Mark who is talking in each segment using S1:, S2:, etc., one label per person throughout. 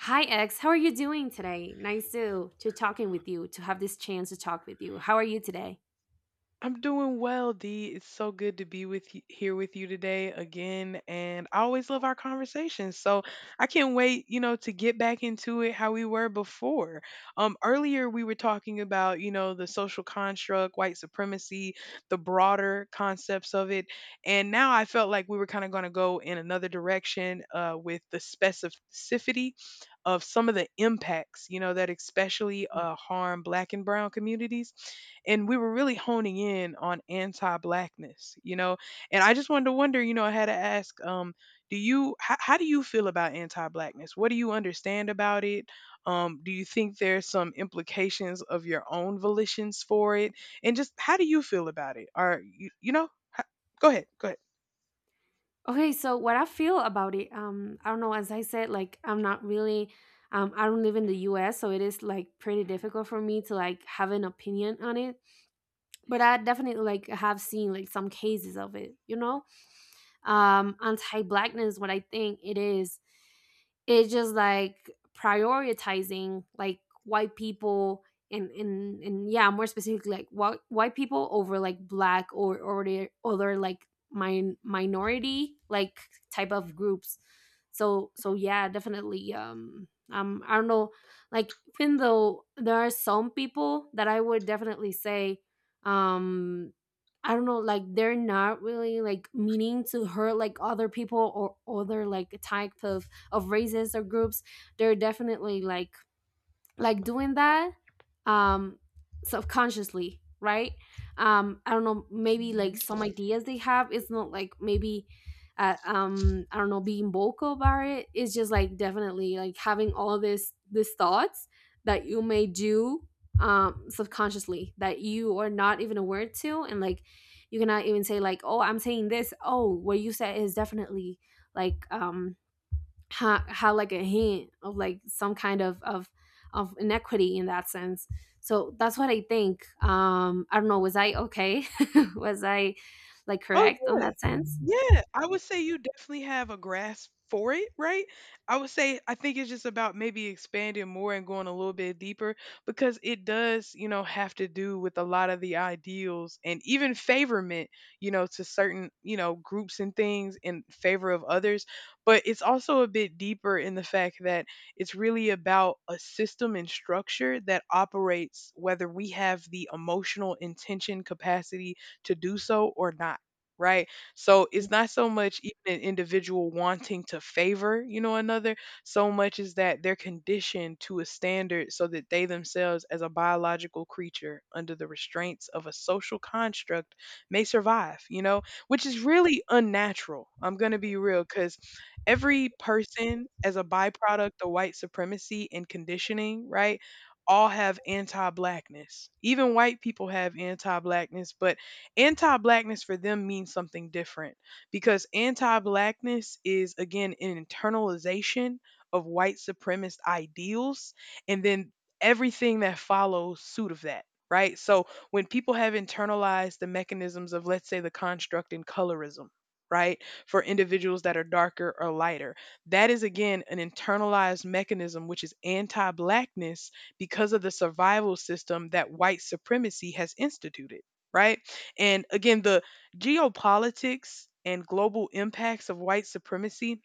S1: Hi, X. How are you doing today? Nice to talking with you, to have this chance to talk with you. How are you today?
S2: I'm doing well, Dee. It's so good to be with you, here with you today again, and I always love our conversations. So I can't wait, you know, to get back into it how we were before. Earlier we were talking about, you know, the social construct, white supremacy, the broader concepts of it, and now I felt like we were kind of going to go in another direction with the specificity of some of the impacts, you know, that especially harm Black and Brown communities and we were really honing in on anti-blackness, you know. And I just wanted to wonder, you know, I had to ask, how do you feel about anti-blackness? What do you understand about it? Do you think there's some implications of your own volitions for it? And just how do you feel about it? Are you you know? Ho- go ahead, go
S1: Okay, so what I feel about it, I don't know, as I said, like I'm not really. I don't live in the US, so it is like pretty difficult for me to like have an opinion on it. But I definitely like have seen like some cases of it, you know? Anti-blackness, what I think it is, it's just like prioritizing like white people and yeah, more specifically like white people over like black or, the other like minority like type of groups. So yeah, definitely. I don't know, like even though there are some people that I would definitely say, um I don't know, like they're not really like meaning to hurt like other people or other like type of races or groups. They're definitely like doing that, um subconsciously, right? I don't know, maybe like
S2: ahead.
S1: some ideas they have, it's not like maybe I don't know, being vocal about it. It's just like definitely like having all this these thoughts that you may do subconsciously that you are not even aware to, and like you cannot even say like, oh, I'm saying this, oh, what you said is definitely like, how like a hint of like some kind of inequity in that sense. So that's what I think. I don't know, was I okay was I like
S2: Oh,
S1: correct on
S2: yeah.
S1: that sense?
S2: Yeah, I would say you definitely have a grasp for it, right? I would say I think it's just about maybe expanding more and going a little bit deeper because it does, you know, have to do with a lot of the ideals and even favorment, you know, to certain, you know, groups and things in favor of others. But it's also a bit deeper in the fact that it's really about a system and structure that operates whether we have the emotional intention capacity to do so or not, right? So it's
S1: Yeah,
S2: not so much even an individual wanting to favor, you know, another, so much is that they're conditioned to a standard so that they themselves, as a biological creature under the restraints of a social construct, may survive, you know, which is really unnatural. I'm going to be real because every person, as a byproduct of white supremacy and conditioning, right? All have anti blackness. Even white people have anti blackness, but anti-blackness for them means something different because anti-blackness is again an internalization of white supremacist ideals, and then everything that follows suit of that, right? So when people have internalized the mechanisms of, let's say, the construct in colorism, right, for individuals that are darker or lighter, that is again an internalized mechanism which is anti-blackness because of the survival system that white supremacy has instituted, right? And again, the geopolitics and global impacts of white supremacy,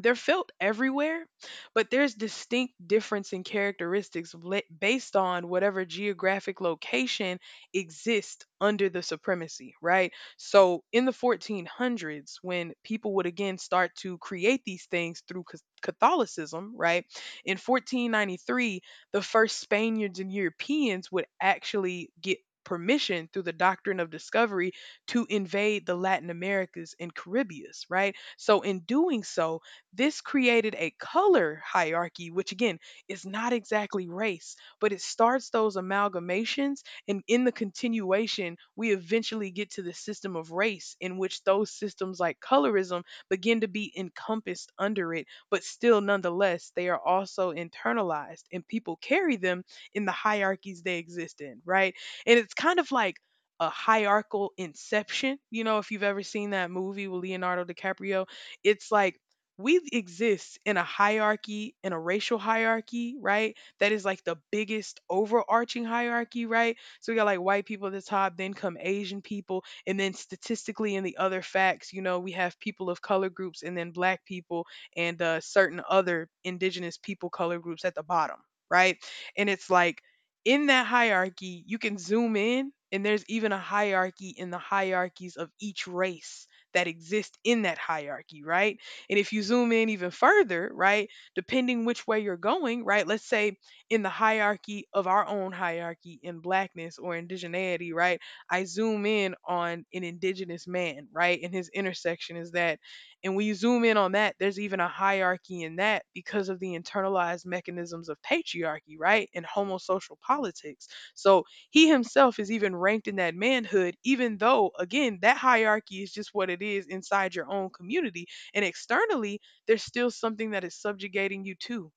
S2: they're felt everywhere, but there's distinct difference in characteristics based on whatever geographic location exists under the supremacy, right? So in the 1400s, when people would again start to create these things through Catholicism, right? In 1493, the first Spaniards and Europeans would actually get permission through the doctrine of discovery to invade the Latin Americas and Caribbeas, right? So in doing so, this created a color hierarchy, which again is not exactly race, but it starts those amalgamations. And in the continuation, we eventually get to the system of race, in which those systems like colorism begin to be encompassed under it, but still, nonetheless, they are also internalized and people carry them in the hierarchies they exist in, right? And it's kind of like a hierarchical inception. You know, if you've ever seen that movie with Leonardo DiCaprio, it's like we exist in a hierarchy, in a racial hierarchy, right? That is like the biggest overarching hierarchy, right? So we got like white people at the top, then come Asian people, and then statistically in the other facts, you know, we have people of color groups and then black people and certain other indigenous people color groups at the bottom, right? And it's like in that hierarchy, you can zoom in and there's even a hierarchy in the hierarchies of each race that exist in that hierarchy, right? And if you zoom in even further, right, depending which way you're going, right, let's say in the hierarchy of our own hierarchy in blackness or indigeneity, right, I zoom in on an indigenous man, right, and his intersection is that. And when you zoom in on that, there's even a hierarchy in that because of the internalized mechanisms of patriarchy, right, and homosocial politics. So he himself is even ranked in that manhood, even though, again, that hierarchy is just what it is inside your own community and externally there's still something that is subjugating you to,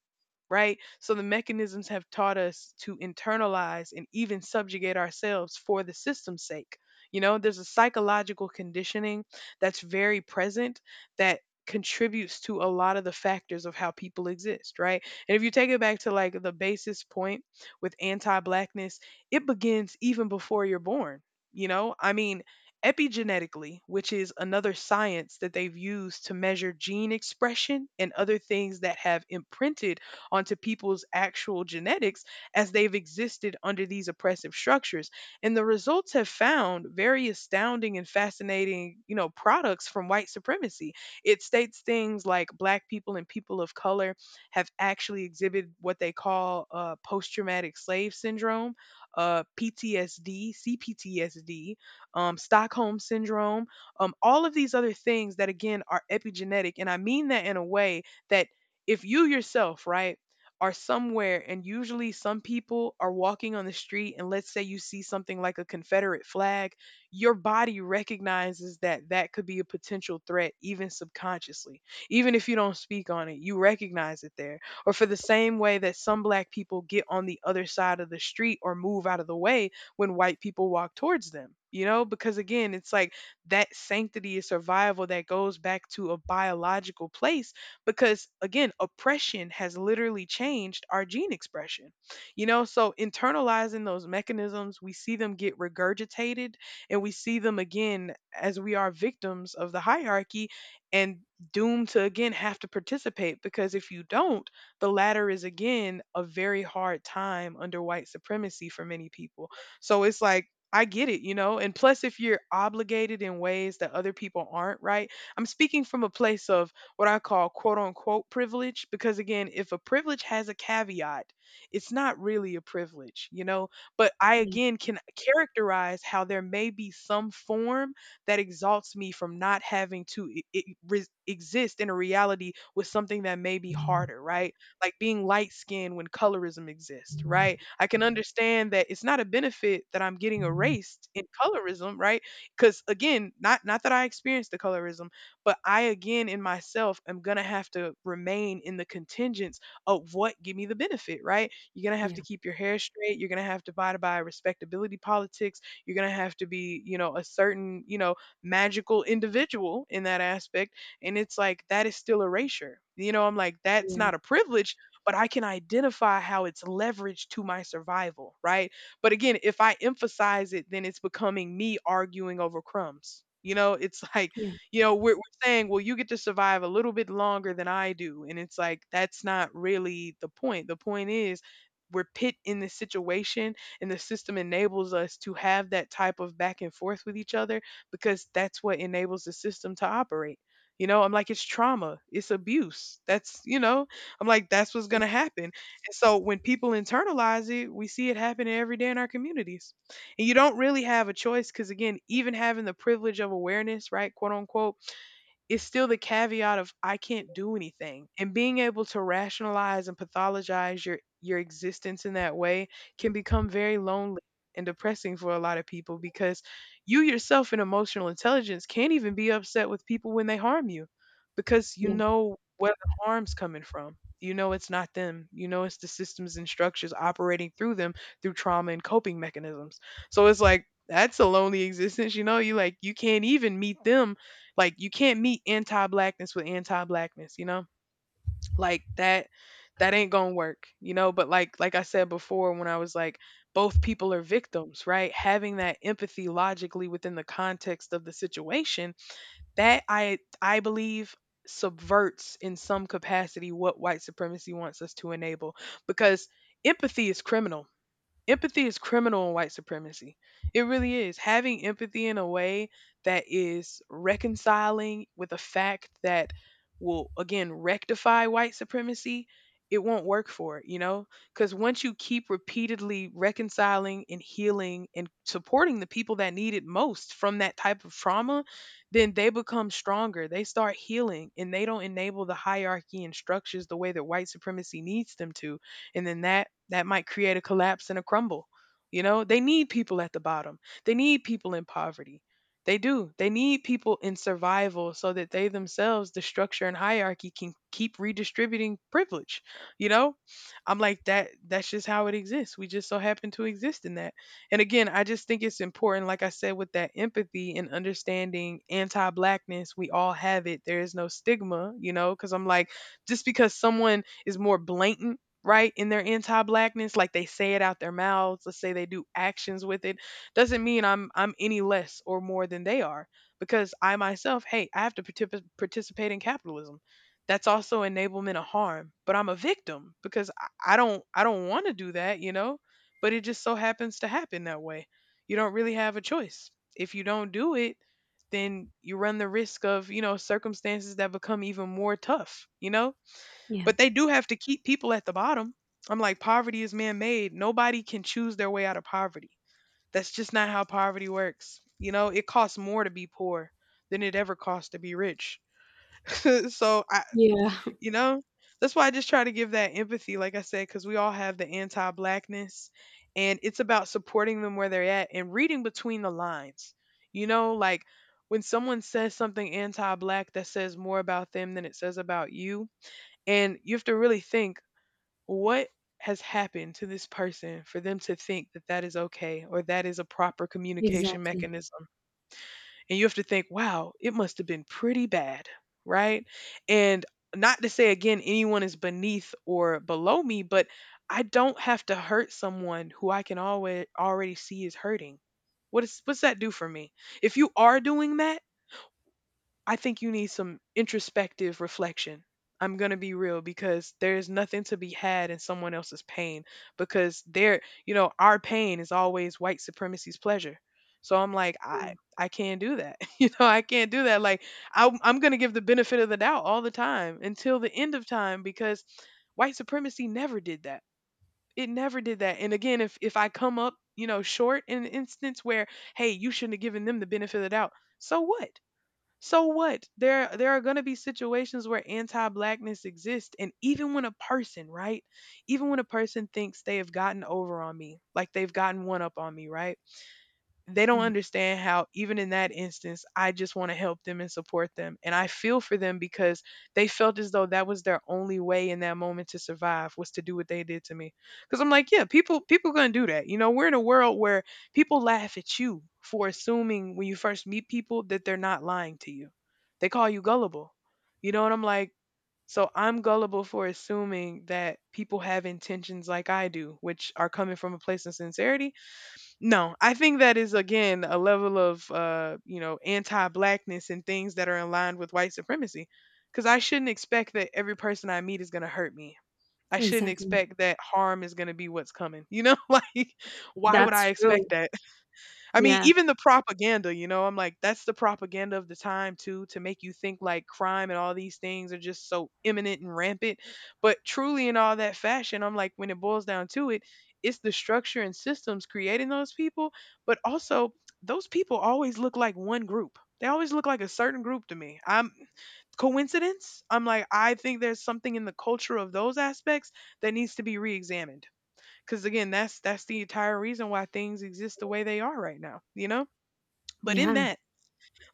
S2: right? So the mechanisms have taught us to internalize and even subjugate ourselves for the system's sake. You know, there's a psychological conditioning that's very present that contributes to a lot of the factors of how people exist, right? And if you take it back to like the basis point with anti-blackness, it begins even before you're born. You know, I mean, epigenetically, which is another science that they've used to measure gene expression and other things that have imprinted onto people's actual genetics as they've existed under these oppressive structures. And the results have found very astounding and fascinating, you know, products from white supremacy. It states things like black people and people of color have actually exhibited what they call post traumatic slave syndrome, PTSD, CPTSD, Stockholm syndrome, all of these other things that, again, are epigenetic. And I mean that in a way that if you yourself, right, are somewhere and usually some people are walking on the street and let's say you see something like a Confederate flag, your body recognizes that that could be a potential threat even subconsciously. Even if you don't speak on it, you recognize it there. Or for the same way that some black people get on the other side of the street or move out of the way when white people walk towards them. You know, because again, it's like that sanctity of survival that goes back to a biological place because again oppression has literally changed our gene expression, you know. So internalizing those mechanisms, we see them get regurgitated, and we see them again as we are victims of the hierarchy and doomed to again have to participate because if you don't, the latter is again a very hard time under white supremacy for many people. So it's like I get it, you know? And plus, if you're obligated in ways that other people aren't, right? I'm speaking from a place of what I call quote unquote privilege because again, if a privilege has a caveat, it's not really a privilege, you know, but I
S1: yeah,
S2: again can characterize how there may be some form that exalts me from not having to exist in a reality with something that may be harder, right? Like being light skinned when colorism exists, right? I can understand that it's not a benefit that I'm getting erased in colorism, right? Because again, not that I experienced the colorism, but I, again, in myself, am going to have to remain in the contingents of what give me the benefit, right? You're going to have to
S1: yeah,
S2: keep your hair straight. You're going to have to abide by respectability politics. You're going to have to be, you know, a certain, you know, magical individual in that aspect. And it's like, that is still erasure. You know, I'm like, that's
S1: yeah,
S2: not a privilege, but I can identify how it's leveraged to my survival, right? But again, if I emphasize it, then it's becoming me arguing over crumbs. You know, it's like,
S1: yeah,
S2: you know, we're saying, well, you get to survive a little bit longer than I do. And it's like, that's not really the point. The point is, we're pit in this situation, and the system enables us to have that type of back and forth with each other because that's what enables the system to operate. You know, I'm like, it's trauma, it's abuse. That's, you know, I'm like, that's what's going to happen. And so when people internalize it, we see it happening every day in our communities. And you don't really have a choice because, again, even having the privilege of awareness, right, quote unquote, is still the caveat of I can't do anything. And being able to rationalize and pathologize your existence in that way can become very lonely and depressing for a lot of people because you yourself in emotional intelligence can't even be upset with people when they harm you because you
S1: yeah,
S2: know where the harm's coming from. You know it's not them. You know it's the systems and structures operating through them through trauma and coping mechanisms. So it's like that's a lonely existence, you know? You like you can't even meet them, like you can't meet anti-blackness with anti-blackness, you know? Like that ain't going to work, you know? But like I said before when I was like both people are victims, right? Having that empathy logically within the context of the situation, that I believe subverts in some capacity what white supremacy wants us to enable because empathy is criminal, empathy is criminal in white supremacy. It really is. Having empathy in a way that is reconciling with a fact that will, again, rectify white supremacy, it won't work for it, you know? Because once you keep repeatedly reconciling and healing and supporting the people that need it most from that type of trauma, then they become stronger. They start healing and they don't enable the hierarchy and structures the way that white supremacy needs them to, and then that might create a collapse and a crumble. You know, they need people at the bottom, they need people in poverty, they do, they need people in survival so that they themselves, the structure and hierarchy, can keep redistributing privilege. You know, I'm like, that's just how it exists. We just so happen to exist in that. And again, I just think it's important, like I said, with that empathy and understanding anti-blackness, we all have it, there is no stigma, you know? Because I'm like, just because someone is more blatant, right, in their anti-blackness, like they say it out their mouths, let's say they do actions with it, doesn't mean I'm any less or more than they are. Because I myself, hey, I have to participate in capitalism. That's also enablement of harm, but I'm a victim because I don't, I don't want to do that, you know? But it just so happens to happen that way. You don't really have a choice. If you don't do it, then you run the risk of, you know, circumstances that become even more tough, you know?
S1: yeah,
S2: But they do have to keep people at the bottom. I'm like, poverty is man made. Nobody can choose their way out of poverty. That's just not how poverty works. You know, it costs more to be poor than it ever costs to be rich. So, I,
S1: yeah,
S2: you know, that's why I just try to give that empathy, like I said, because we all have the anti blackness and it's about supporting them where they're at and reading between the lines. You know, like when someone says something anti black, that says more about them than it says about you, and you have to really think, what has happened to this person for them to think that that is okay or that is a proper communication
S1: exactly.
S2: mechanism? And you have to think, wow, it must have been pretty bad, right? And not to say, again, anyone is beneath or below me, but I don't have to hurt someone who I can always already see is hurting. What is, what's that do for me? If you are doing that, I think you need some introspective reflection. I'm going to be real because there is nothing to be had in someone else's pain because they're, you know, our pain is always white supremacy's pleasure. So I'm like,
S1: Yeah,
S2: I can't do that. You know, I can't do that. Like I'm gonna give the benefit of the doubt all the time until the end of time because white supremacy never did that. It never did that. And again, if I come up, you know, short in an instance where, hey, you shouldn't have given them the benefit of the doubt, so what? So what? There are going to be situations where anti-blackness exists and even when a person, right? Even when a person thinks they have gotten over on me, like they've gotten one up on me, right? They don't
S1: yeah,
S2: understand how even in that instance I just want to help them and support them and I feel for them because they felt as though that was their only way in that moment to survive was to do what they did to me. Because I'm like, yeah, people gonna do that, you know? We're in a world where people laugh at you for assuming when you first meet people that they're not lying to you. They call you gullible, you know? And I'm like, so I'm gullible for assuming that people have intentions like I do, which are coming from a place of sincerity? No, I think that is, again, a level of you know, anti-blackness and things that are in line with white supremacy. Cuz I shouldn't expect that every person I meet is going to hurt me. I shouldn't
S1: exactly.
S2: expect that harm is going to be what's coming. You know, like why would
S1: That's
S2: I expect
S1: true.
S2: that? I mean,
S1: Yeah,
S2: even the propaganda, you know, I'm like, that's the propaganda of the time too, to make you think like crime and all these things are just so imminent and rampant. But truly, in all that fashion, I'm like, when it boils down to it, it's the structure and systems creating those people. But also, those people always look like one group. They always look like a certain group to me. I'm coincidence. I'm like, I think there's something in the culture of those aspects that needs to be re examined. Because again, that's the entire reason why things exist the way they are right now, you know? But in
S1: yeah,
S2: that,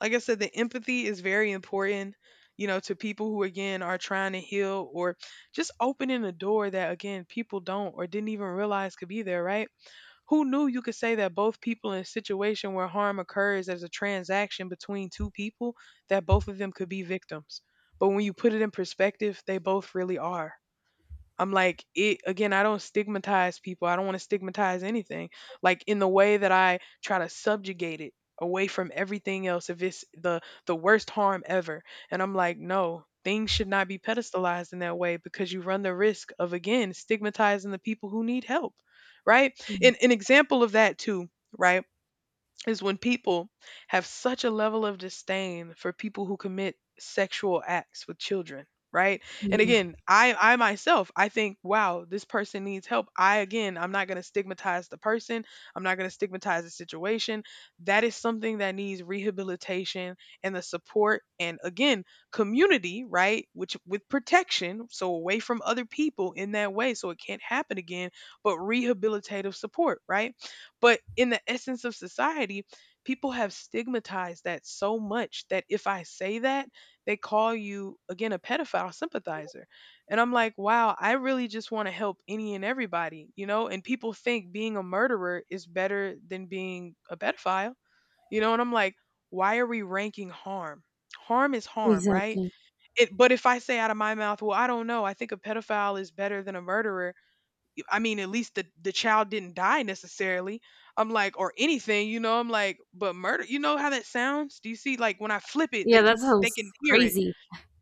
S2: like I said, the empathy is very important, you know, to people who, again, are trying to heal or just opening a door that, again, people don't or didn't even realize could be there, right? Who knew you could say that both people in a situation where harm occurs as a transaction between two people, that both of them could be victims. But when you put it in perspective, they both really are. I'm like, it, again, I don't stigmatize people. I don't want to stigmatize anything. Like in the way that I try to subjugate it away from everything else if it's the worst harm ever. And I'm like, no, things should not be pedestalized in that way because you run the risk of, again, stigmatizing the people who need help. Right?
S1: yeah,
S2: And an example of that too, right? is when people have such a level of disdain for people who commit sexual acts with children, right? And
S1: yeah,
S2: again, I myself, I think, wow, this person needs help. I, again, I'm not going to stigmatize the person, I'm not going to stigmatize the situation. That is something that needs rehabilitation and the support and, again, community, right, which with protection, so away from other people in that way so it can't happen again, but rehabilitative support, right? But in the essence of society, people have stigmatized that so much that if I say that, they call you, again, a pedophile sympathizer. And I'm like, wow, I really just want to help any and everybody, you know? And people think being a murderer is better than being a pedophile, you know? And I'm like, why are we ranking harm? Harm is harm, right?
S1: exactly.
S2: It, but if I say out of my mouth, well, I don't know, I think a pedophile is better than a murderer, I mean, at least the child didn't die necessarily. I'm like, or anything, you know. I'm like, but murder. You know how that sounds? Do you see? Like when I flip it,
S1: Yeah, that
S2: they
S1: sounds
S2: can hear it,
S1: crazy.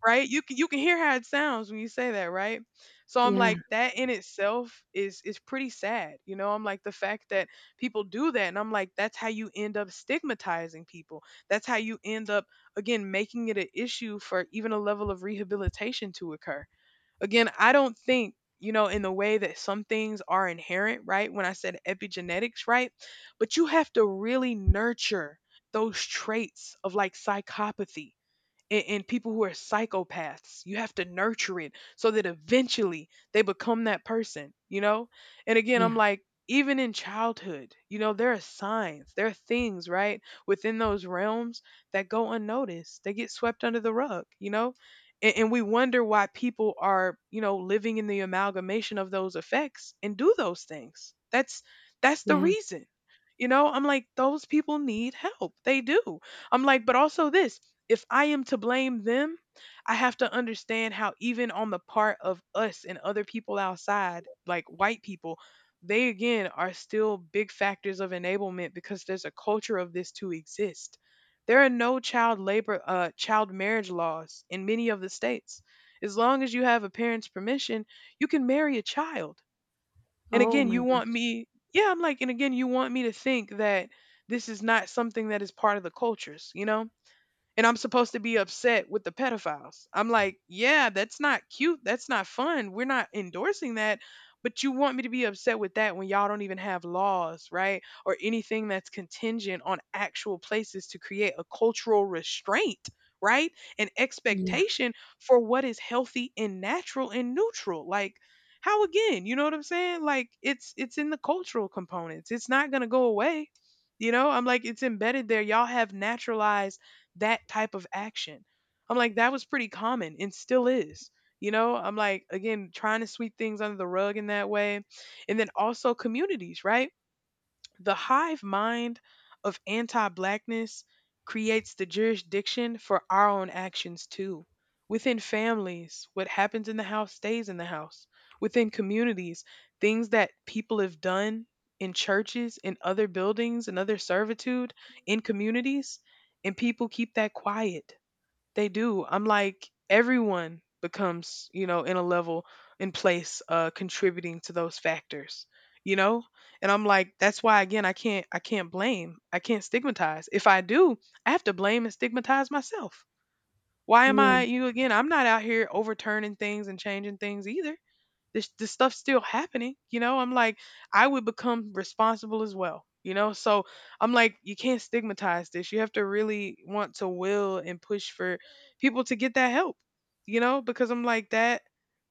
S2: right? You can, you can hear how it sounds when you say that, right? So I'm
S1: Yeah,
S2: like, that in itself is pretty sad, you know. I'm like the fact that people do that, and I'm like, that's how you end up stigmatizing people. That's how you end up, again, making it an issue for even a level of rehabilitation to occur. Again, I don't think, you know, in the way that some things are inherent, right? When I said epigenetics, right? But you have to really nurture those traits of like psychopathy and people who are psychopaths. You have to nurture it so that eventually they become that person, you know? And again, I'm
S1: yeah,
S2: like, even in childhood, you know, there are signs, there are things, right, within those realms that go unnoticed. They get swept under the rug, you know? And we wonder why people are, you know, living in the amalgamation of those effects and do those things. That's the
S1: yeah.
S2: reason. You know, I'm like, those people need help. They do. I'm like, but also this, if I am to blame them, I have to understand how even on the part of us and other people outside, like white people, they, again, are still big factors of enablement because there's a culture of this to exist. There are no child labor child marriage laws in many of the states. As long as you have a parent's permission, you can marry a child. And
S1: Oh
S2: again,
S1: my
S2: you want
S1: gosh.
S2: me, yeah, I'm like, and again, you want me to think that this is not something that is part of the cultures, you know? And I'm supposed to be upset with the pedophiles. I'm like, yeah, that's not cute. That's not fun. We're not endorsing that. But you want me to be upset with that when y'all don't even have laws, right? Or anything that's contingent on actual places to create a cultural restraint, right? An
S1: Yeah,
S2: expectation for what is healthy and natural and neutral. Like, how again? You know what I'm saying? Like it's in the cultural components. It's not gonna go away. You know, I'm like it's embedded there. Y'all have naturalized that type of action. I'm like, that was pretty common and still is. You know, I'm like, again, trying to sweep things under the rug in that way. And then also communities, right? The hive mind of anti blackness creates the jurisdiction for our own actions too. Within families, what happens in the house stays in the house. Within communities, things that people have done in churches, in other buildings, in other servitude, in communities, and people keep that quiet. They do. I'm like everyone becomes, you know, in a level in place contributing to those factors, you know? And I'm like that's why again I can't blame. I can't stigmatize. If I do, I have to blame and stigmatize myself. Why am I
S1: yeah,
S2: you know, again? I'm not out here overturning things and changing things either. This stuff's still happening, you know? I'm like I would become responsible as well, you know. So I'm like you can't stigmatize this. You have to really want to will and push for people to get that help, you know? Because I'm like that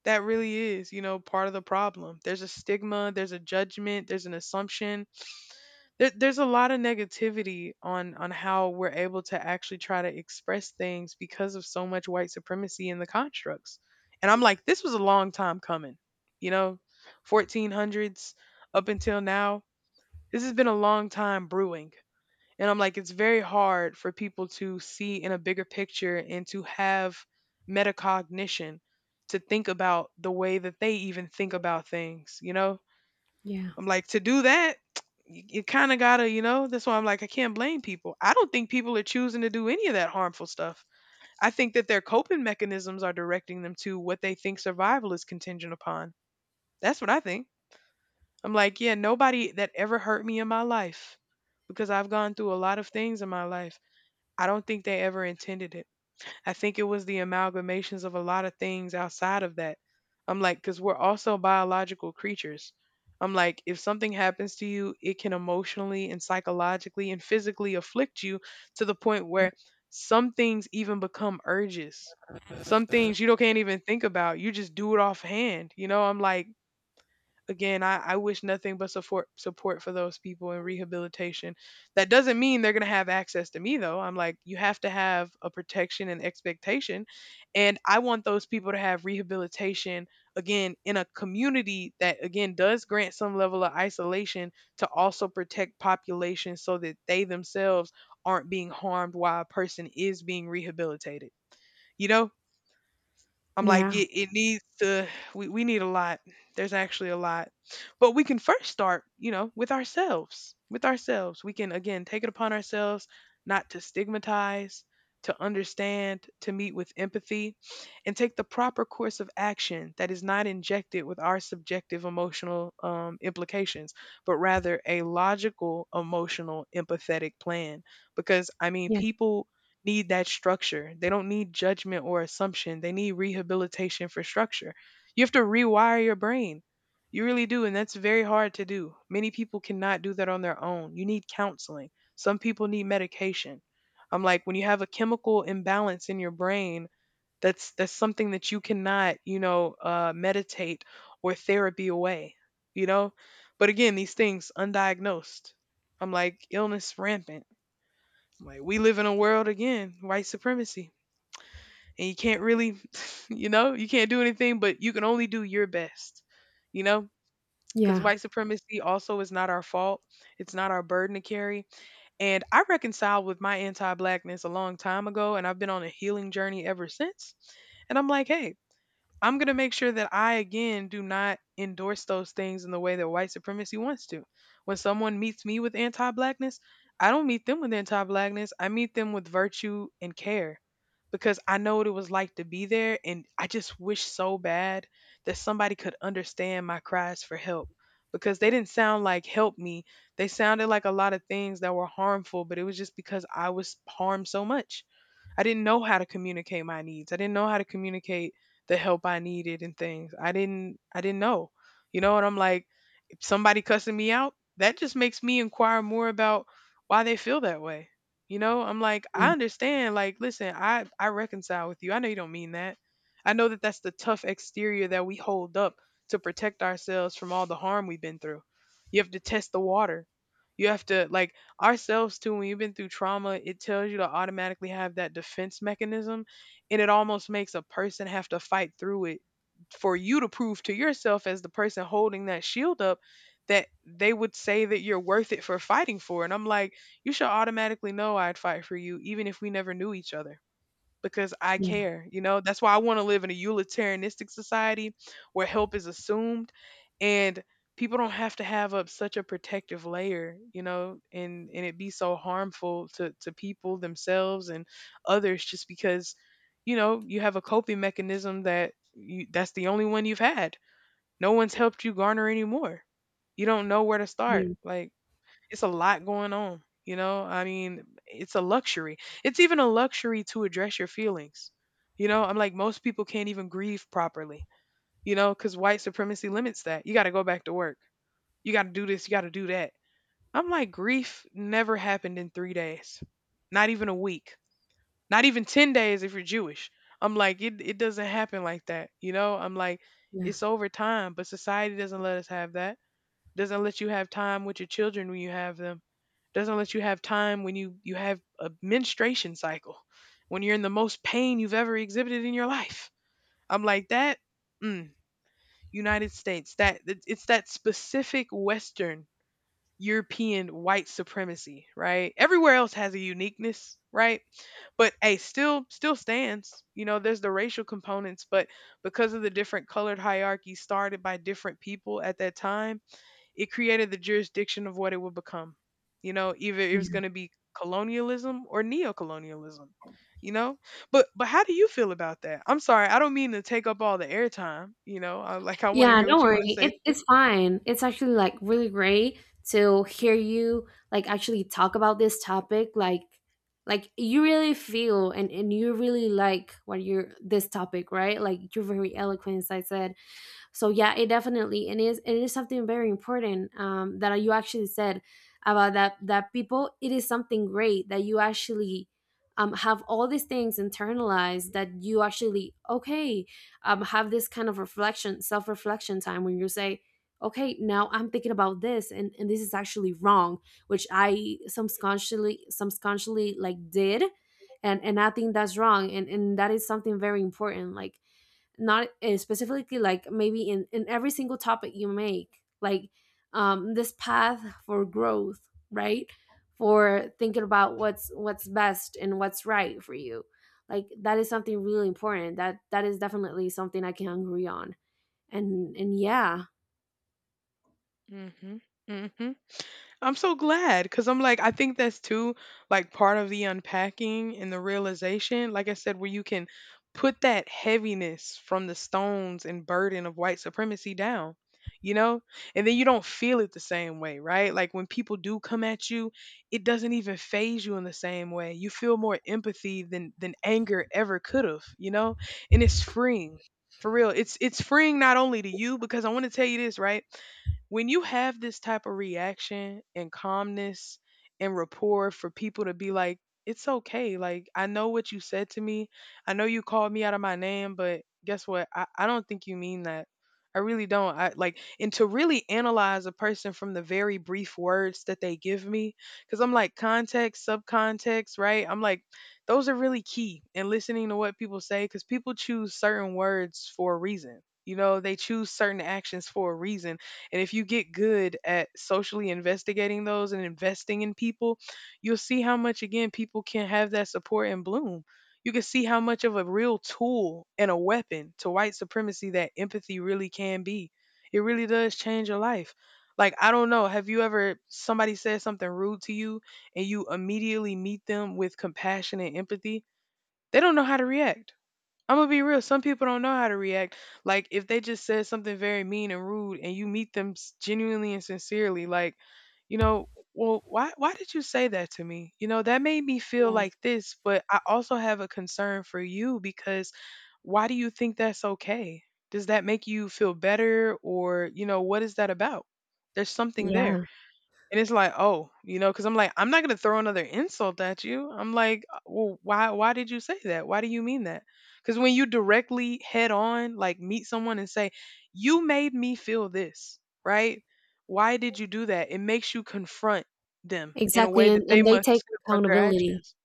S2: that really is, you know, part of the problem. There's a stigma, there's a judgment, there's an assumption there's a lot of negativity on how we're able to actually try to express things because of so much white supremacy in the constructs. And I'm like this was a long time coming, you know, 1400s up until now. This has been a long time brewing. And I'm like it's very hard for people to see in a bigger picture and to have metacognition, to think about the way that they even think about things, you know.
S1: yeah,
S2: I'm like, to do that, you kind of gotta, you know, that's why I'm like, I can't blame people. I don't think people are choosing to do any of that harmful stuff. I think that their coping mechanisms are directing them to what they think survival is contingent upon. That's what I think. I'm like, yeah, nobody that ever hurt me in my life, because I've gone through a lot of things in my life. I don't think they ever intended it. I think it was the amalgamations of a lot of things outside of that. I'm like, because we're also biological creatures. I'm like, if something happens to you, it can emotionally and psychologically and physically afflict you to the point
S1: yeah,
S2: where some things even become urges. Some things you don't can't even think about. You just do it offhand. You know, I'm like, again, I wish nothing but support for those people in rehabilitation. That doesn't mean they're gonna have access to me though. I'm like, you have to have a protection and expectation. And I want those people to have rehabilitation again in a community that again does grant some level of isolation to also protect populations so that they themselves aren't being harmed while a person is being rehabilitated. You know, I'm like,
S1: yeah.
S2: it needs to, we need a lot. There's actually a lot. But we can first start, you know, with ourselves. With ourselves. We can, again, take it upon ourselves not to stigmatize, to understand, to meet with empathy, and take the proper course of action that is not injected with our subjective emotional implications, but rather a logical, emotional, empathetic plan. Because, I mean,
S1: Yeah.
S2: people need that structure. They don't need judgment or assumption. They need rehabilitation for structure. You have to rewire your brain. You really do. And that's very hard to do. Many people cannot do that on their own. You need counseling. Some people need medication. I'm like, when you have a chemical imbalance in your brain, that's something that you cannot, you know, meditate or therapy away, you know. But again, these things undiagnosed. I'm like illness rampant, like we live in a world again, white supremacy. And you can't really, you know, you can't do anything, but you can only do your best, you know? Because
S1: Yeah.
S2: white supremacy also is not our fault. It's not our burden to carry. And I reconciled with my anti blackness a long time ago, and I've been on a healing journey ever since. And I'm like, hey, I'm going to make sure that I, again, do not endorse those things in the way that white supremacy wants to. When someone meets me with anti blackness, I don't meet them with anti blackness. I meet them with virtue and care because I know what it was like to be there. And I just wish so bad that somebody could understand my cries for help because they didn't sound like help me. They sounded like a lot of things that were harmful, but it was just because I was harmed so much. I didn't know how to communicate my needs. I didn't know how to communicate the help I needed and things. I didn't know. You know, and I'm like, if somebody cussing me out, that just makes me inquire more about why they feel that way. You know, I'm like,
S1: Yeah.
S2: I understand. Like, listen, I reconcile with you. I know you don't mean that. I know that that's the tough exterior that we hold up to protect ourselves from all the harm we've been through. You have to test the water. You have to like ourselves too. When you've been through trauma, it tells you to automatically have that defense mechanism, and it almost makes a person have to fight through it for you to prove to yourself as the person holding that shield up that they would say that you're worth it for fighting for. And I'm like you should automatically know I'd fight for you even if we never knew each other, because I
S1: Yeah.
S2: care, you know? That's why I want to live in a utilitarianistic society where help is assumed, and people don't have to have up such a protective layer, you know, and it be so harmful to people themselves and others just because, you know, you have a coping mechanism that you that's the only one you've had. No one's helped you garner any more. You don't know where to start.
S1: Yeah.
S2: Like it's a lot going on, you know. I mean, it's a luxury. It's even a luxury to address your feelings, you know. I'm like most people can't even grieve properly, you know, because white supremacy limits that. You got to go back to work, you got to do this, you got to do that. I'm like grief never happened in 3 days, not even a week, not even 10 days if you're Jewish. I'm like it doesn't happen like that, you know. I'm like
S1: Yeah.
S2: it's over time, but society doesn't let us have that. Doesn't let you have time with your children when you have them. Doesn't let you have time when you have a menstruation cycle, when you're in the most pain you've ever exhibited in your life. I'm like mm, United States, that it's that specific Western European white supremacy, right? Everywhere else has a uniqueness, right? But hey, still stands, you know. There's the racial components, but because of the different colored hierarchies started by different people at that time, it created the jurisdiction of what it would become. You know, either it was
S1: Yeah.
S2: going to be colonialism or neocolonialism. You know, but how do you feel about that? I'm sorry, I don't mean to take up all the airtime. You know, like I want to
S1: Yeah,
S2: hear
S1: don't
S2: what you want to
S1: worry.
S2: say.
S1: It's fine. It's actually like really great to hear you like actually talk about this topic. Like you really feel, and you really like what you're this topic, right? Like you're very eloquent, as I said. So yeah, it definitely, and it is, it is something very important, that you actually said about that, that people, it is something great that you actually, have all these things internalized, that you actually okay, have this kind of reflection, self-reflection time, when you say, okay, now I'm thinking about this and this is actually wrong, which I subconsciously like did, and I think that's wrong, and that is something very important, like not specifically like maybe in every single topic you make, like this path for growth, right? For thinking about what's best and what's right for you. Like that is something really important, that that is definitely something I can agree on, and yeah.
S2: Mhm. Mhm. I'm so glad, cuz I'm like I think that's too like part of the unpacking and the realization, like I said, where you can put that heaviness from the stones and burden of white supremacy down. You know? And then you don't feel it the same way, right? Like when people do come at you, it doesn't even phase you in the same way. You feel more empathy than anger ever could have, you know? And it's freeing. For real. It's freeing not only to you because I want to tell you this, right? When you have this type of reaction and calmness and rapport for people to be like, it's okay. Like, I know what you said to me. I know you called me out of my name, but guess what? I don't think you mean that. I really don't. I like, and to really analyze a person from the very brief words that they give me, because I'm like, context, subcontext, right? I'm like, those are really key in listening to what people say, because people choose certain words for a reason. You know, they choose certain actions for a reason. And if you get good at socially investigating those and investing in people, you'll see how much, again, people can have that support and bloom. You can see how much of a real tool and a weapon to white supremacy that empathy really can be. It really does change your life. Like, I don't know, have you ever, somebody said something rude to you and you immediately meet them with compassion and empathy? They don't know how to react. I'm gonna be real. Some people don't know how to react. Like if they just said something very mean and rude, and you meet them genuinely and sincerely, like, you know, well, why did you say that to me? You know, that made me feel
S1: Yeah,
S2: like this, but I also have a concern for you because why do you think that's okay? Does that make you feel better, or you know, what is that about? There's something there.
S1: yeah,
S2: And it's like, oh, you know, because I'm like, I'm not gonna throw another insult at you. I'm like, well, why did you say that? Why do you mean that? Because when you directly head on, like, meet someone and say, you made me feel this, right? Why did you do that? It makes you confront them in a
S1: exactly,
S2: way that they
S1: and they take
S2: must confront their
S1: accountability.
S2: actions.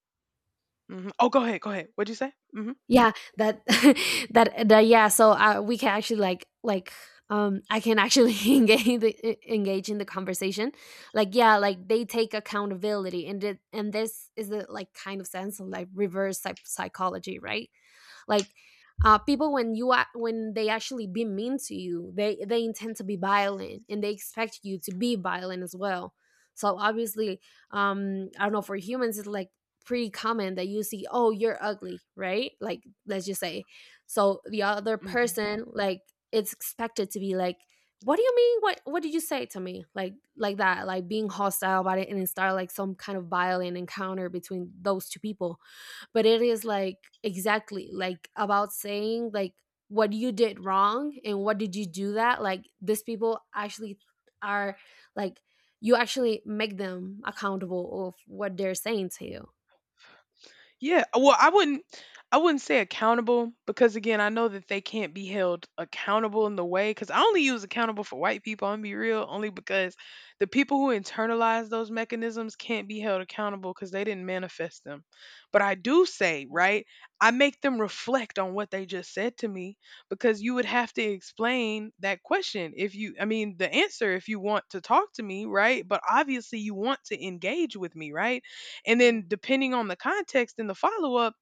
S2: Oh, go ahead, go ahead. What'd you say?
S1: Yeah, that that that yeah, so we can actually like I can actually engage the, engage in the conversation. Like yeah, like they take accountability, and it, and this is the like kind of sense of like reverse psychology, right? Like people when you are when they actually be mean to you, they intend to be violent, and they expect you to be violent as well. So obviously I don't know, for humans it's like pretty common that you see, oh, you're ugly, right? Like let's just say. So the other person like, it's expected to be like, what do you mean, what did you say to me, like that, like being hostile about it, and it start like some kind of violent encounter between those two people. But it is like exactly like about saying like what you did wrong, and what did you do that, like these people actually are like, you actually make them accountable of what they're saying to you.
S2: Yeah, well, I wouldn't say accountable because again, I know that they can't be held accountable in the way cuz I only use accountable for white people, I'm be real, only because the people who internalize those mechanisms can't be held accountable cuz they didn't manifest them. But I do say, right? I make them reflect on what they just said to me because you would have to explain that question if you I mean, the answer if you want to talk to me, right? But obviously you want to engage with me, right? And
S1: Yeah.
S2: then depending on the context and the follow up,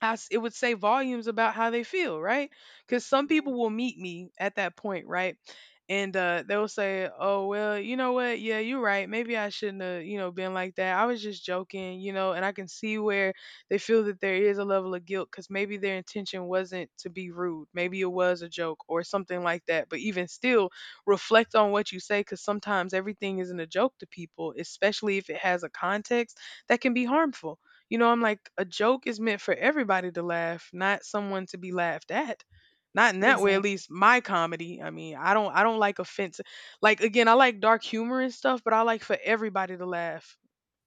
S2: as it would say volumes about how they feel, right? Because some
S1: Right.
S2: people will meet me at that point, right? And they'll say, "Oh well, you know what? Yeah, you're right. Maybe I shouldn't have, you know, been like that. I was just joking, you know." And I can see where they feel that there is a level of guilt because maybe their intention wasn't to be rude. Maybe it was a joke or something like that. But even still, reflect on what you say because sometimes everything isn't a joke to people, especially if it has a context that can be harmful. You know, I'm like, a joke is meant for everybody to laugh, not someone to be laughed at. Not in that way, at
S1: Exactly.
S2: least my comedy. I mean, I don't like offense. Like again, I like dark humor and stuff, but I like for everybody to laugh.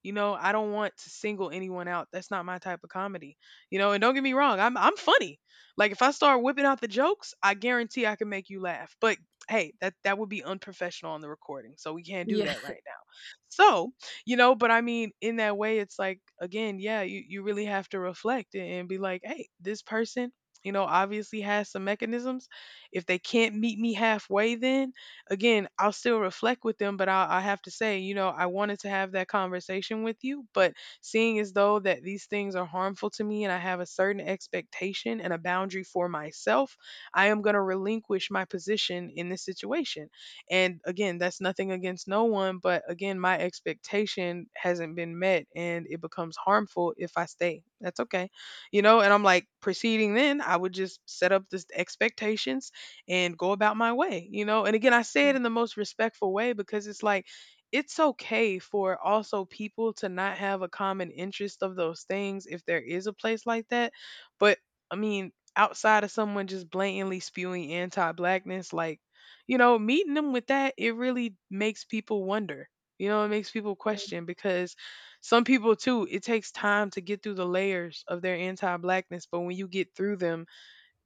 S2: You know, I don't want to single anyone out. That's not my type of comedy. You know, and don't get me wrong, I'm funny. Like if I start whipping out the jokes, I guarantee I can make you laugh. But hey, that would be unprofessional on the recording. So we can't do
S1: Yeah.
S2: that right now. So, you know, but I mean, in that way it's like again, yeah, you really have to reflect and be like, "Hey, this person, you know, obviously has some mechanisms. If they can't meet me halfway then again, I'll still reflect with them, I have to say, you know, I wanted to have that conversation with you, but seeing as though that these things are harmful to me and I have a certain expectation and a boundary for myself, I am going to relinquish my position in this situation. And again, that's nothing against no one, but again, my expectation hasn't been met and it becomes harmful if I stay. That's okay. You know, and I'm like, proceeding then, I would just set up this expectation and go about my way, you know? And again, I say it in the most respectful way because it's like, it's okay for also people to not have a common interest of those things if there is a place like that. But I mean, outside of someone just blatantly spewing anti blackness, like, you know, meeting them with that, it really makes people wonder. You know, it makes people
S1: Right.
S2: question because some people too, it takes time to get through the layers of their anti blackness. But when you get through them,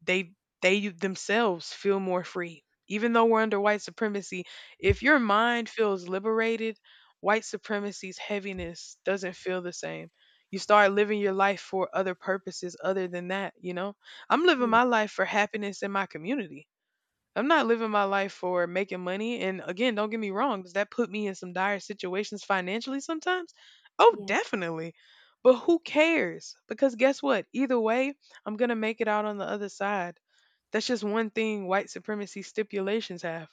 S2: they they themselves feel more free. Even though we're under white supremacy, if your mind feels liberated, white supremacy's heaviness doesn't feel the same. You start living your life for other purposes other than that, you know. I'm living
S1: Yeah.
S2: my life for happiness in my community. I'm not living my life for making money, and again, don't get me wrong, does that put me in some dire situations financially sometimes? Oh,
S1: Yeah.
S2: definitely. But who cares, because guess what, either way I'm gonna make it out on the other side. That's just one thing white supremacy stipulations have.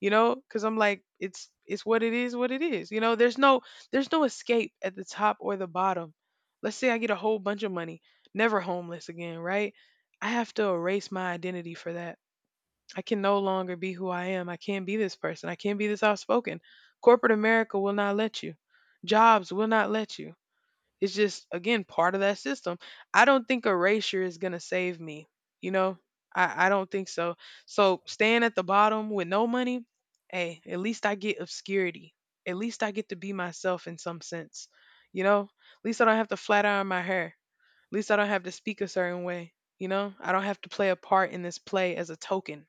S2: You know, cuz I'm like it's what it is, what it is. You know, there's no escape at the top or the bottom. Let's say I get a whole bunch of money, never homeless again, right? I have to erase my identity for that. I can no longer be who I am. I can't be this person. I can't be this outspoken. Corporate America will not let you. Jobs will not let you. It's just again part of that system. I don't think erasure is gonna save me. You know, I don't think so. So staying at the bottom with no money, hey, at least I get obscurity. At least I get to be myself in some sense. You know, at least I don't have to flat iron my hair. At least I don't have to speak a certain way. You know, I don't have to play a part in this play as a token,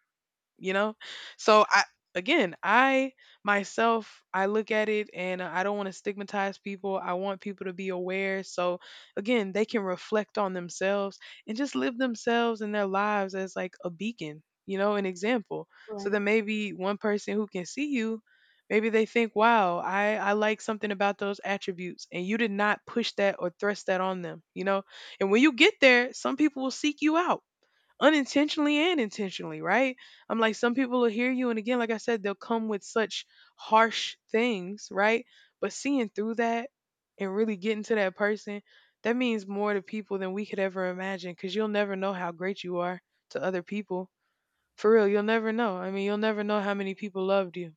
S2: you know. So I, again, I myself, I look at it and I don't want to stigmatize people. I want people to be aware, so again they can reflect on themselves and just live themselves and their lives as like a beacon, you know, an example, so that
S1: Right.
S2: maybe one person who can see you, maybe they think, wow, I like something about those attributes, and you did not push that or thrust that on them, you know. And when you get there, some people will seek you out unintentionally and intentionally, right? I'm like, some people will hear you, and again, like I said, they'll come with such harsh things, right? But seeing through that and really getting to that person, that means more to people than we could ever imagine, because you'll never know how great you are to other people. For real, you'll never know. I mean, you'll never know how many people loved you.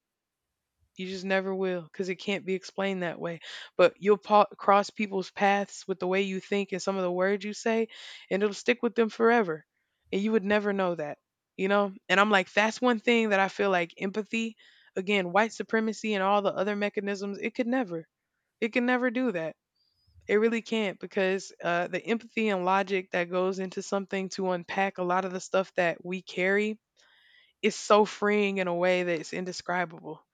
S2: You just never will because it can't be explained that way. But you'll cross people's paths with the way you think and some of the words you say, and it'll stick with them forever. And you would never know that, you know? And I'm like, that's one thing that I feel like empathy, again, white supremacy and all the other mechanisms, it could never, it can never do that. It really can't because the empathy and logic that goes into something to unpack a lot of the stuff that we carry is so freeing in a way that it's indescribable.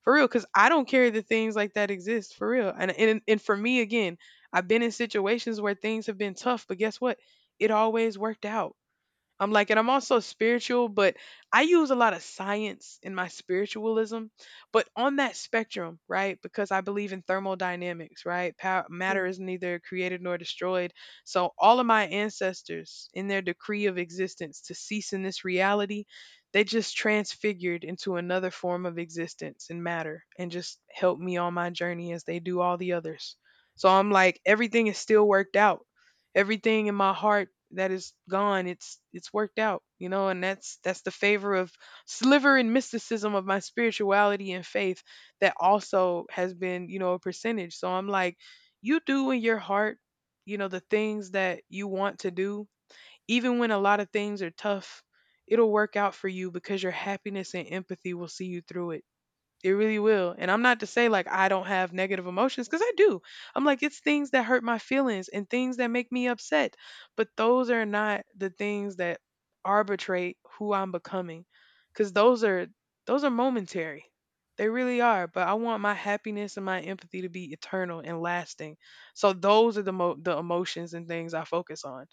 S2: For real, because I don't care that things like that exist. For real, and for me again, I've been in situations where things have been tough, but guess what, it always worked out. I'm like, and I'm also spiritual, but I use a lot of science in my spiritualism. But on that spectrum, right? Because I believe in thermodynamics, right? Power, matter
S1: Yeah.
S2: is neither created nor destroyed. So all of my ancestors, in their decree of existence to cease in this reality, they just transfigured into another form of existence in matter and just helped me on my journey as they do all the others. So I'm like, everything is still worked out, everything in my heart that is gone, it's worked out, and that's the favor of sliver and mysticism of my spirituality and faith that also has been a percentage. So I'm like, you do in your heart, you know the things that you want to do, even when a lot of things are tough. It'll work out for you because your happiness and empathy will see you through it. It really will. And I'm not to say like I don't have negative emotions, because I do. I'm like, it's things that hurt my feelings and things that make me upset. But those are not the things that arbitrate who I'm becoming. Cause those are momentary. They really are. But I want my happiness and my empathy to be eternal and lasting. So those are the emotions and things I focus on,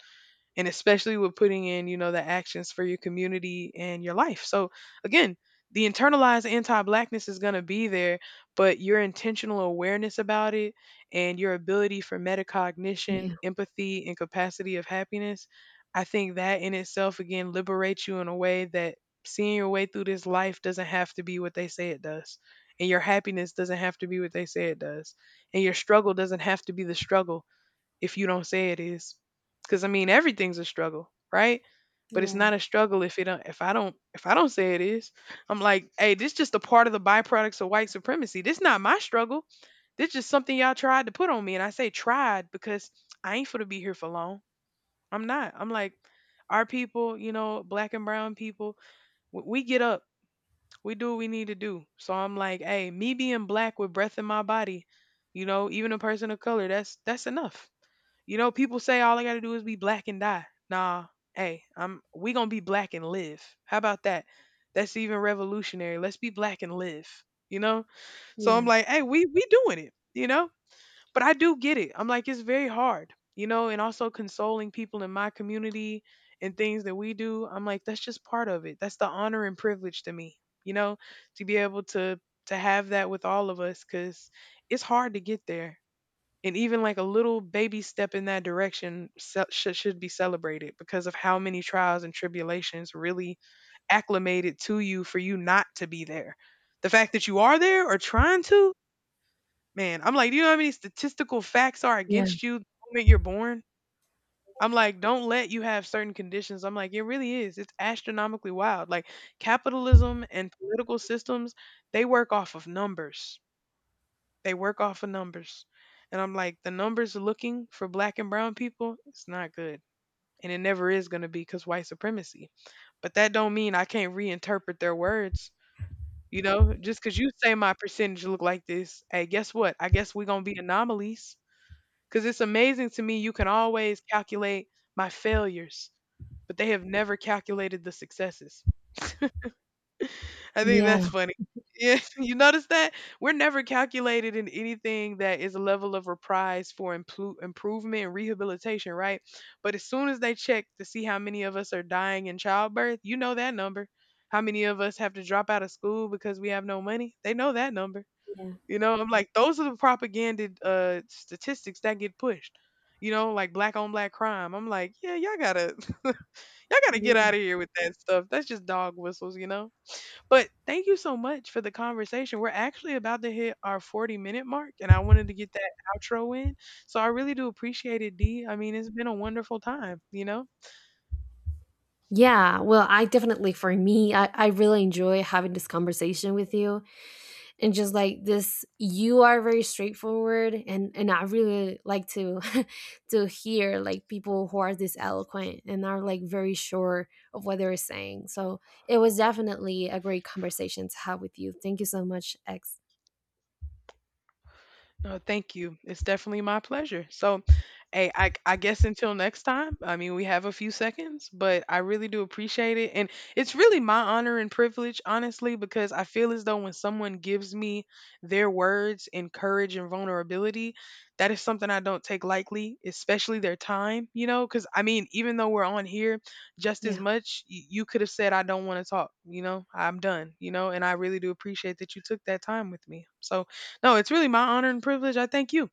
S2: and especially with putting in, the actions for your community and your life. So again, the internalized anti-blackness is going to be there, but your intentional awareness about it and your ability for metacognition,
S1: Yeah.
S2: empathy, and capacity of happiness, I think that in itself again liberates you in a way that seeing your way through this life doesn't have to be what they say it does. And your happiness doesn't have to be what they say it does. And your struggle doesn't have to be the struggle if you don't say it is. Cuz I mean everything's a struggle, right? But it's not
S1: Right.
S2: a struggle if it don't, if I don't say it is. I'm like, "Hey, this just a part of the byproducts of white supremacy. This not my struggle. This just something y'all tried to put on me." And I say tried because I ain't for to be here for long. I'm not. I'm like, our people, you know, black and brown people, we get up. We do what we need to do. So I'm like, "Hey, me being black with breath in my body, you know, even a person of color, that's enough." You know, people say all I gotta do is be black and die. Nah, hey, I'm we gonna be black and live. How about that? That's even revolutionary. Let's be black and live. You know? So I'm
S1: Yeah.
S2: like, hey, we doing it, you know? But I do get it. I'm like, it's very hard, you know, and also consoling people in my community and things that we do. I'm like, that's just part of it. That's the honor and privilege to me, you know, to be able to have that with all of us, because it's hard to get there, and even like a little baby step in that direction should be celebrated because of how many trials and tribulations really acclimated to you for you not to be there. The fact that you are there, or trying to. Man, I'm like, do you know how many statistical facts are
S1: Yeah,
S2: against you the moment you're born? I'm like, don't let you have certain conditions. I'm like, it really is, it's astronomically wild, like capitalism and political systems, they work off of numbers, they work off of numbers. And I'm like, the numbers looking for black and brown people, it's not good. And it never is going to be, because white supremacy. But that don't mean I can't reinterpret their words. You know, just because you say my percentage look like this, hey, guess what? I guess we're going to be anomalies. Because it's amazing to me, you can always calculate my failures, but they have never calculated the successes. I think
S1: yeah.
S2: that's
S1: Yeah.
S2: funny. Yeah, you notice that? We're never calculated in anything that is a level of reprise for improvement and rehabilitation, right? But as soon as they check to see how many of us are dying in childbirth, you know that number. How many of us have to drop out of school because we have no money? They know that number. You know, I'm like, those are the propaganda statistics that get pushed. You know, like black on black crime. I'm like, yeah, y'all gotta, y'all gotta get
S1: Yeah.
S2: out of here with that stuff. That's just dog whistles, you know? But thank you so much for the conversation. We're actually about to hit our 40-minute minute mark, and I wanted to get that outro in. So I really do appreciate it, D. I mean, it's been a wonderful time, you know?
S1: Yeah, well, I definitely, for me, I really enjoy having this conversation with you, and just like this, you are very straightforward, and I really like to to hear like people who are this eloquent and are like very sure of what they're saying. So it was definitely a great conversation to have with you. Thank you so much, X.
S2: No, thank you. It's definitely my pleasure. So, hey, I guess until next time, I mean, we have a few seconds, but I really do appreciate it. And it's really my honor and privilege, honestly, because I feel as though when someone gives me their words and courage and vulnerability, that is something I don't take lightly, especially their time, you know? Because, I mean, even though we're on here just as
S1: Yeah.
S2: much, you could have said, I don't want to talk, you know? I'm done, you know? And I really do appreciate that you took that time with me. So, no, it's really my honor and privilege. I thank you.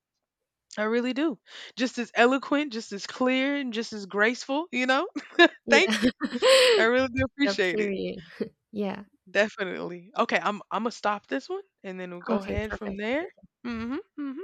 S2: I really do. Just as eloquent, just as clear, and just as graceful, you know? Thank
S1: Yeah.
S2: you. I really do
S1: Yeah,
S2: appreciate it.
S1: period. Yeah.
S2: Definitely. Okay, I'm gonna stop this one, and then we'll go
S1: Okay,
S2: ahead from
S1: perfect.
S2: there.
S1: Thank
S2: Mhm. Mhm.